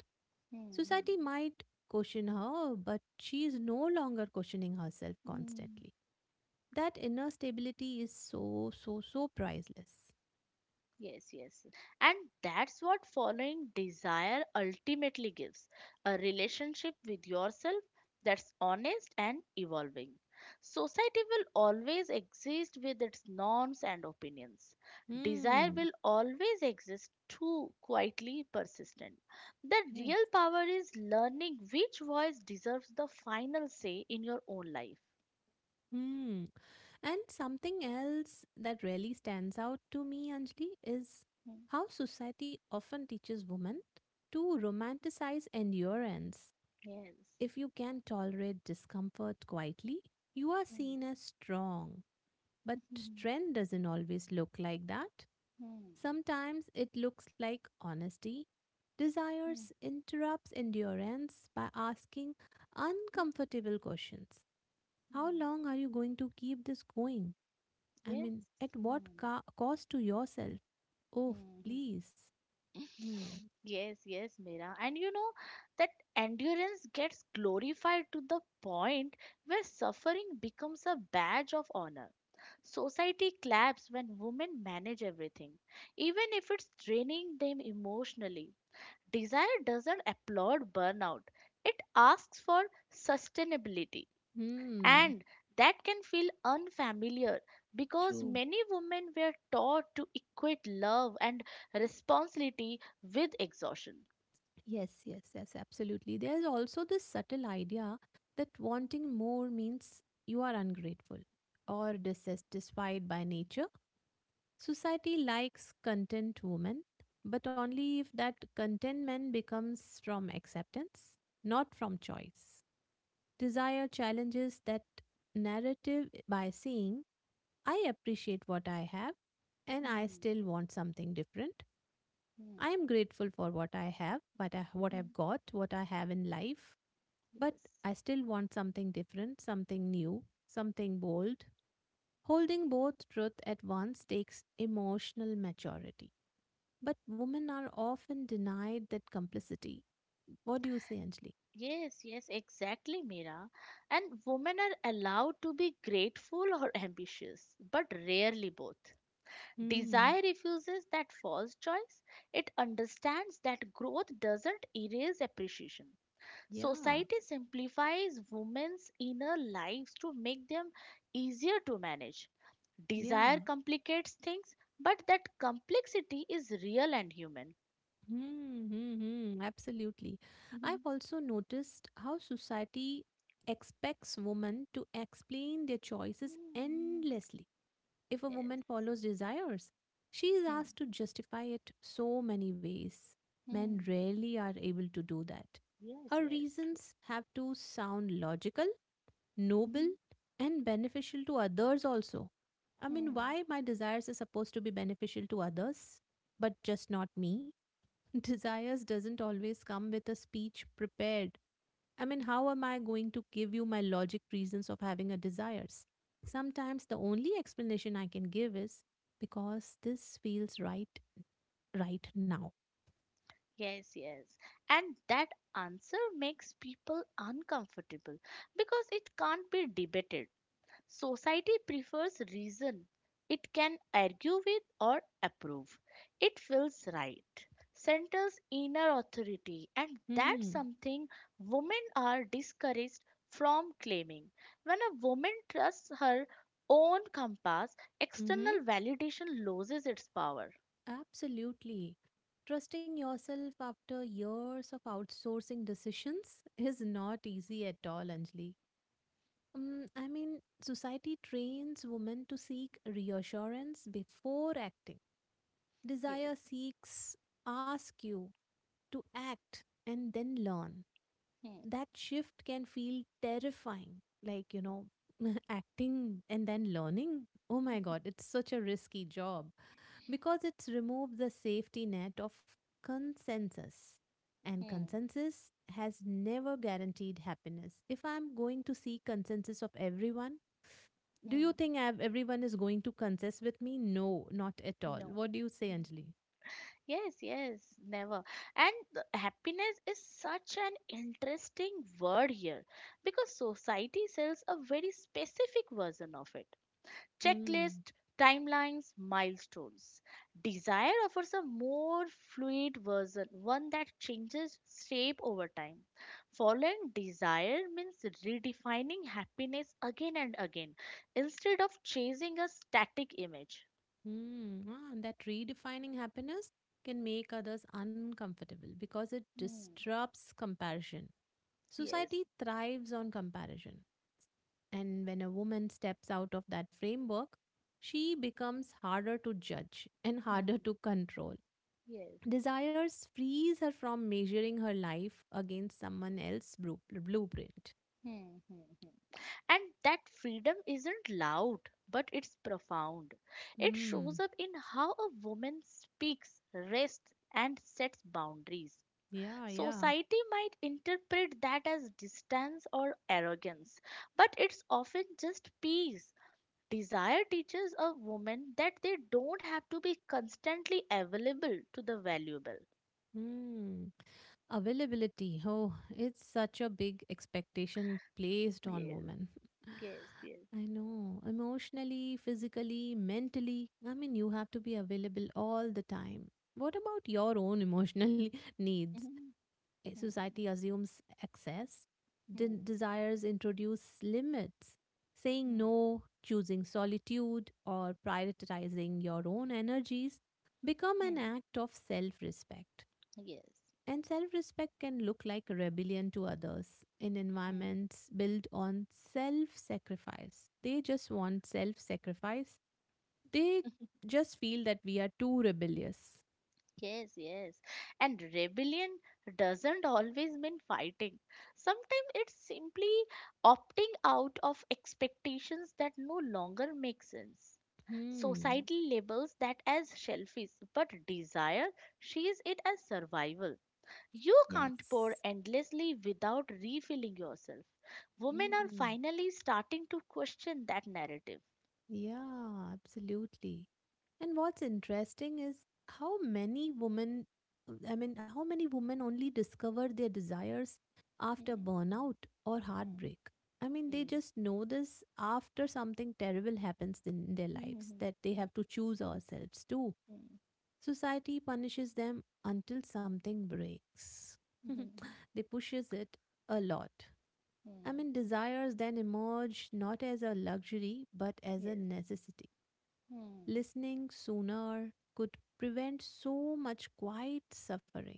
Hmm. Hmm, Society might question her, but she is no longer questioning herself hmm. constantly. That inner stability is so, so, so priceless. Yes, yes. And that's what following desire ultimately gives, a relationship with yourself that's honest and evolving. Society will always exist with its norms and opinions. Desire Hmm. will always exist too, quietly persistent. The Yes. real power is learning which voice deserves the final say in your own life. Hmm. And something else that really stands out to me, Anjali, is Mm. how society often teaches women to romanticize endurance. Yes. If you can tolerate discomfort quietly, you are Mm. seen as strong. But Hmm. strength doesn't always look like that. Sometimes it looks like honesty. Hmm. Desires interrupts endurance by asking Hmm. uncomfortable questions. How Hmm. long are you going to keep this going? Yes. At what Hmm. Cost to yourself? Oh, Hmm. Hmm. please. Hmm. Yes, yes, Mira. And you know that endurance gets glorified to the point where suffering becomes a badge of honor. Society claps when women manage everything, even if it's draining them emotionally. Desire doesn't applaud burnout, it asks for sustainability. Hmm. And that can feel unfamiliar because True. many women were taught to equate love and responsibility with exhaustion. Yes, yes, yes, absolutely. There's also this subtle idea that wanting more means you are ungrateful or dissatisfied by nature. Society likes content women, but only if that contentment becomes from acceptance, not from choice. Desire challenges that narrative by saying, I appreciate what I have and I Hmm, still want something different. I hmm, am grateful for what I have, what hmm. I've got, what I have in life, but Yes. I still want something different, something new, something bold. Holding both truth at once takes emotional maturity. But women are often denied that complicity. What do you say, Anjali? Yes, yes, exactly, Mira. And women are allowed to be grateful or ambitious, but rarely both. Desire Hmm. refuses that false choice. It understands that growth doesn't erase appreciation. Yeah. Society simplifies women's inner lives to make them easier to manage. Desire Yeah. complicates things, but that complexity is real and human. Hmm. Hmm. Hmm. Absolutely. I've also noticed how society expects women to explain their choices Hmm. endlessly. If a Yes. woman follows desires, she is Hmm. asked to justify it so many ways. Men Hmm. rarely are able to do that. Yes, Her yes, true. reasons have to sound logical, noble, Hmm. and beneficial to others also. Hmm. Why my desires are supposed to be beneficial to others, but just not me? Desires doesn't always come with a speech prepared. How am I going to give you my logic reasons of having a desires? Sometimes the only explanation I can give is because this feels right right now. Yes, yes. And that answer makes people uncomfortable because it can't be debated. Society prefers reason. It can argue with or approve. It feels right. Centers inner authority, and that's Hmm. something women are discouraged from claiming. When a woman trusts her own compass, Mm-hmm. external validation loses its power. Absolutely. Trusting yourself after years of outsourcing decisions is not easy at all, Anjali. Society trains women to seek reassurance before acting. Yes. Desire seeks ask you to act and then learn. Hmm. That shift can feel terrifying. Like, acting and then learning. Oh my god, it's such a risky job because it's removed the safety net of consensus. And Hmm. consensus has never guaranteed happiness. If I'm going to seek consensus of everyone, do you Hmm. think everyone is going to consess with me? No, not at all. No. What do you say, Anjali? Yes, yes, never. And the happiness is such an interesting word here because society sells a very specific version of it. Hmm. Checklist, timelines, milestones. Desire offers a more fluid version, one that changes shape over time. Following desire means redefining happiness again and again instead of chasing a static image. Mm, ah, and that redefining happiness can make others uncomfortable because it Hmm, disrupts comparison. yes, Society thrives on comparison. And when a woman steps out of that framework, she becomes harder to judge and harder hmm, to control. yes. Desires frees her from measuring her life against someone else's blueprint. Hmm, hmm, hmm. And that freedom isn't loud, but it's profound. It shows Hmm. up in how a woman speaks, rests, and sets boundaries. Yeah, yeah. Society might interpret that as distance or arrogance, but it's often just peace. Desire teaches a woman that they don't have to be constantly available to the valuable. Hmm. Availability. Oh, it's such a big expectation placed on Yes, women. yes, yes. I know. Emotionally, physically, mentally. You have to be available all the time. What about your own emotional needs? Hmm, Eh, society assumes access, hmm, desires introduce limits. Saying hmm, no, choosing solitude, or prioritizing your own energies become an hmm, act of self respect. hmm. And self respect can look like rebellion to others in Yes. environments built on self sacrifice. They just want self sacrifice. They just feel that we are too rebellious. Yes, yes. And rebellion doesn't always mean fighting. Sometimes it's simply opting out of expectations that no longer make sense. Hmm. Society labels that as selfish, but desire sees it as survival. You can't pour Yes. endlessly without refilling yourself. Women are Hmm. finally starting to question that narrative. Yeah, absolutely. And what's interesting is how many women, how many women only discover their desires after Hmm, burnout or hmm, heartbreak. They hmm, just know this after something terrible happens in their hmm, lives, hmm, that they hmm, have to choose ourselves too. hmm, Society punishes them until something breaks. hmm, hmm, They pushes it a lot. Hmm. Desires then emerge not as a luxury, but as a Yes. necessity. Hmm. Listening sooner could prevent so much quiet suffering.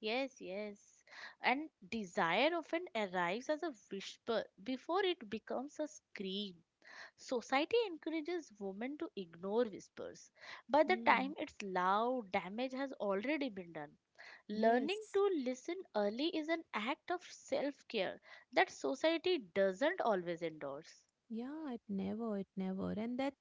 Yes, yes. And desire often arrives as a whisper before it becomes a scream. Society encourages women to ignore whispers. By the time Mm. it's loud, damage has already been done. Learning Yes. to listen early is an act of self care that society doesn't always endorse. Yeah, it never, it never. And that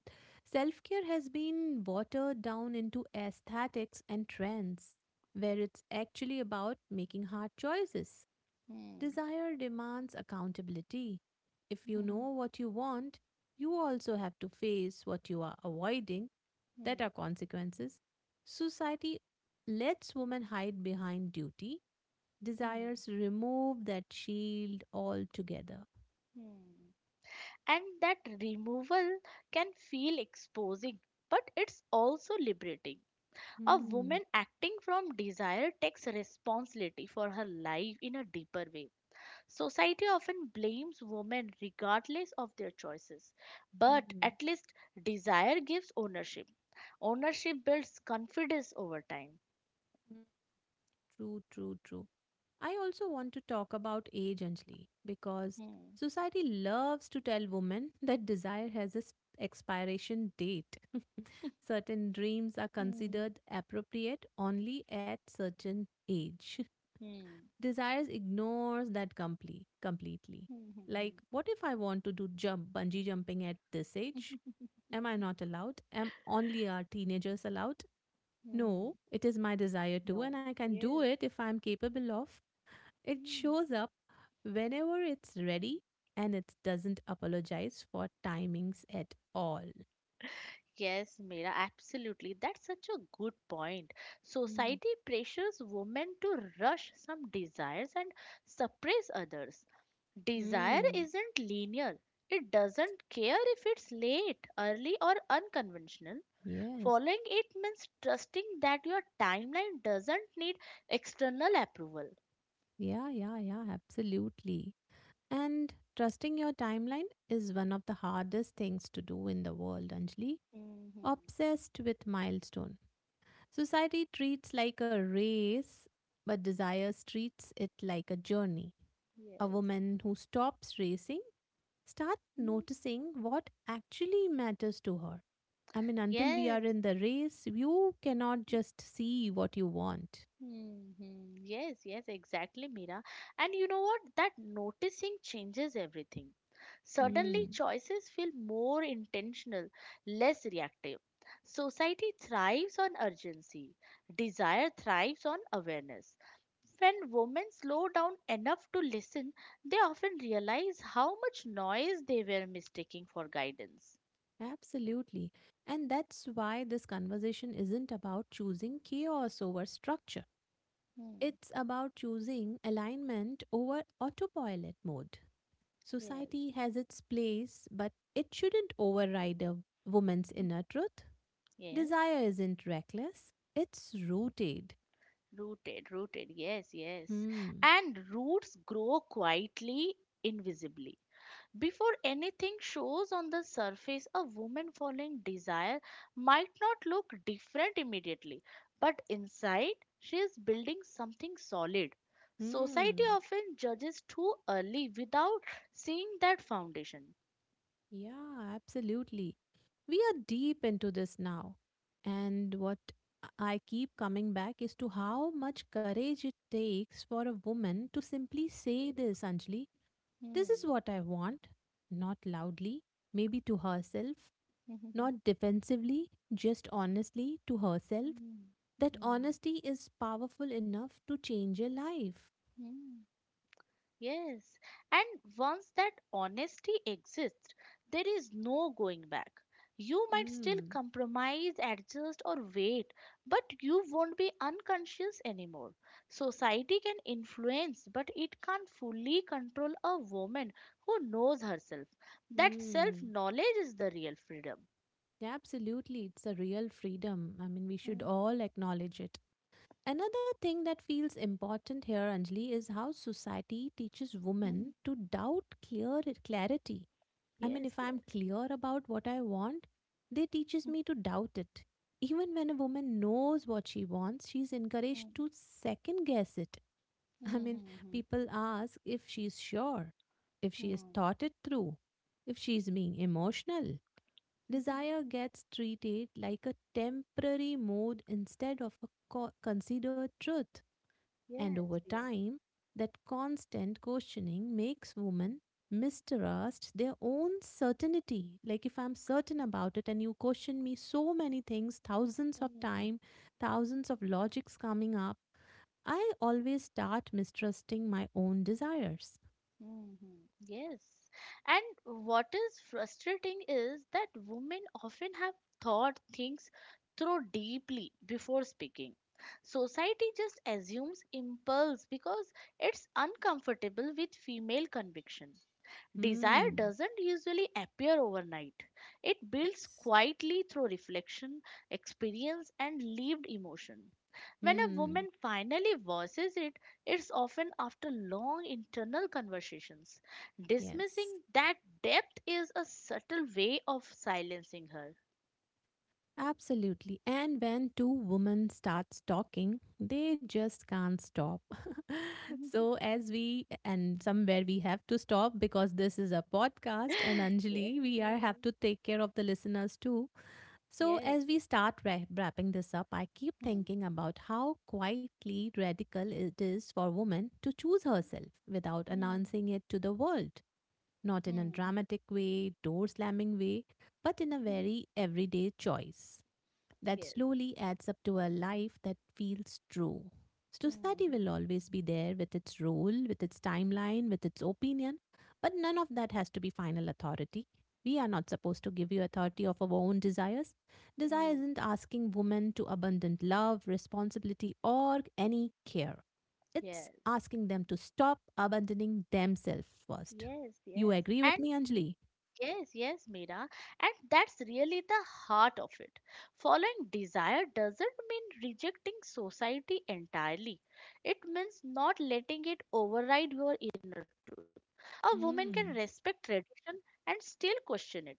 self care has been watered down into aesthetics and trends, where it's actually about making hard choices. Hmm. Desire demands accountability. If you know what you want, you also have to face what you are avoiding, that Hmm. are consequences. Society lets women hide behind duty. Hmm. Desires remove that shield altogether. Hmm. Hmm. And that removal can feel exposing, but it's also liberating. A Hmm. woman acting from desire takes responsibility for her life in a deeper way. Society often blames women regardless of their choices, Hmm, but hmm. at least desire gives ownership. Ownership builds confidence over time. True, true, true. I also want to talk about age, Anjali, because Hmm. society loves to tell women that desire has a expiration date. Certain dreams are Hmm. considered appropriate only at certain age. Hmm. Desires ignores that completely. Hmm. Hmm. Hmm. Like, what if I want to do jump bungee jumping at this age? Hmm. Am I not allowed? Am only our teenagers allowed? Hmm. No, it is my desire too, No. and I can do it Yes. if I'm capable of. It Hmm. shows up whenever it's ready and it doesn't apologize for timings at all. Yes, Mira, absolutely. That's such a good point. Mm. Society pressures women to rush some desires and suppress others. Desire Mm. isn't linear, it doesn't care if it's late, early, or unconventional. Yes. Following it means trusting that your timeline doesn't need external approval. Yeah, yeah, yeah, absolutely. And trusting your timeline is one of the hardest things to do in the world, Anjali. Hmm. Obsessed with milestone. Society treats like a race, but desires treats it like a journey. A Yes. woman who stops racing starts Mhm. noticing what actually matters to her. Until we are Yes. in the race, you cannot just see what you want. Mm-hmm. Yes, yes, exactly, Mira. And you know what? That noticing changes everything. Suddenly, Hmm. choices feel more intentional, less reactive. Society thrives on urgency, desire thrives on awareness. When women slow down enough to listen, they often realize how much noise they were mistaking for guidance. Absolutely. And that's why this conversation isn't about choosing chaos over structure. Hmm. It's about choosing alignment over autopilot mode. Yes, Society has its place, but it shouldn't override a woman's inner truth. yes. Desire isn't reckless, it's rooted. Rooted, rooted, yes, yes. Hmm. And roots grow quietly, invisibly. Before anything shows on the surface, a woman following desire might not look different immediately, but inside she is building something solid. Society Hmm. often judges too early without seeing that foundation. Yeah, absolutely. We are deep into this now. And what I keep coming back is to how much courage it takes for a woman to simply say this, Anjali. This is Hmm. what I want. Not loudly, maybe to herself, not defensively, just honestly to herself. Hmm. Hmm. That honesty is powerful enough to change a life. Hmm. Hmm. Yes, and once that honesty exists, there is no going back. You might still Hmm. compromise, adjust, or wait, but you won't be unconscious anymore. Society can influence, but it can't fully control a woman who knows herself. That self Hmm. knowledge is the real freedom. Yeah, absolutely. It's a real freedom. We should all acknowledge it. Another thing that feels important here, Anjali, is how society teaches Mhm. women to doubt clear clarity. Yes, If I'm yes. clear about what I want, they teaches me to doubt it. Even when a woman knows what she wants, she's encouraged Mhm. to second guess it. I mean, Mhm. people ask if she's sure, if she has Mhm. thought it through, if she's being emotional. Mhm. Desire gets treated like a temporary mood instead of a considered truth. And over Yes, yes. time, that constant questioning makes women mistrust their own certainty. Like, if I'm certain about it and you question me so many things, thousands of Mhm. time, thousands of logics coming up, I always start mistrusting my own desires. Mhm. Yes. And what is frustrating is that women often have thought things through deeply before speaking. Society just assumes impulse because it's uncomfortable with female conviction. Desire Hmm. doesn't usually appear overnight. It builds quietly through reflection, experience, and lived emotion. When a Hmm. woman finally voices it, it's often after long internal conversations. Yes. Dismissing that depth is a subtle way of silencing her. Absolutely. And when two women starts talking, they just can't stop. So as we and somewhere we have to stop because this is a podcast and yes, Anjali, we are have to take care of the listeners too. So as yes. we start wrapping this up, I keep Hmm, thinking about how quietly radical it is for women to choose herself without hmm, announcing it to the world. Not in a hmm, hmm, dramatic way, door slamming way, but in a hmm. very everyday choice that Yes. slowly adds up to a life that feels true. Hmm, Society will hmm, always be there with its role, with its timeline, with its opinion, but none of that has to be final authority. We are not supposed to give you authority of our own desires. Desire hmm. isn't asking women to abandon love, responsibility, or any care. It's Yes. asking them to stop abandoning themselves first. Yes, You yes. agree with And me, Anjali? yes, yes, Meera. And that's really the heart of it. Following desire doesn't mean rejecting society entirely. It means not letting it override your inner truth. A woman can Hmm. respect tradition and still question it.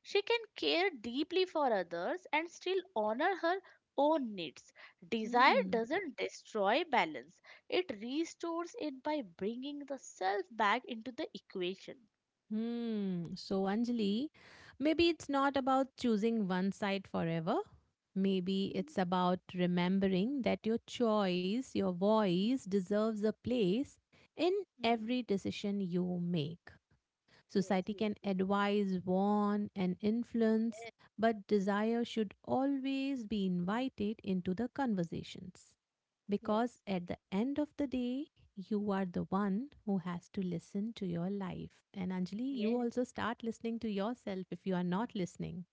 She can care deeply for others and still honor her own needs. Desire Hmm. doesn't destroy balance, it restores it by bringing the self back into the equation. Hmm. So, Anjali, maybe it's not about choosing one side forever. Maybe it's about remembering that your choice, your voice deserves a place in Hmm. every decision you make. Yes, Society yes, can yes, advise, warn, and influence, but desire should always be invited into the conversations. Because yes, at the end of the day, you are the one who has to listen to your life. And Anjali, you yes, also start listening to yourself if you are not listening.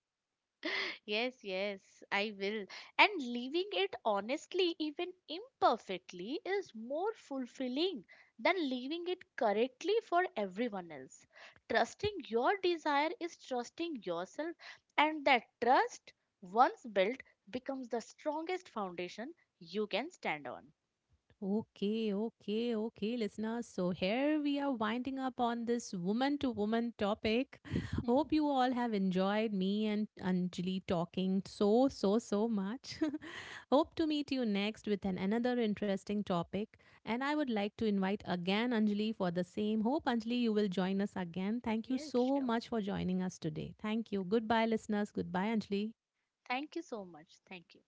yes. Yes, yes, I will. And leaving it honestly, even imperfectly, is more fulfilling than leaving it correctly for everyone else. Trusting your desire is trusting yourself, and that trust, once built, becomes the strongest foundation you can stand on. Okay, okay, okay, listeners. So here we are winding up on this woman to woman topic. Hope you all have enjoyed me and Anjali talking so, so, so much. Hope to meet you next with an another interesting topic. And I would like to invite again Anjali for the same. Hope Anjali you will join us again. Thank you Yes, so sure. much for joining us today. Thank you. Goodbye, listeners. Goodbye, Anjali. Thank you so much. Thank you.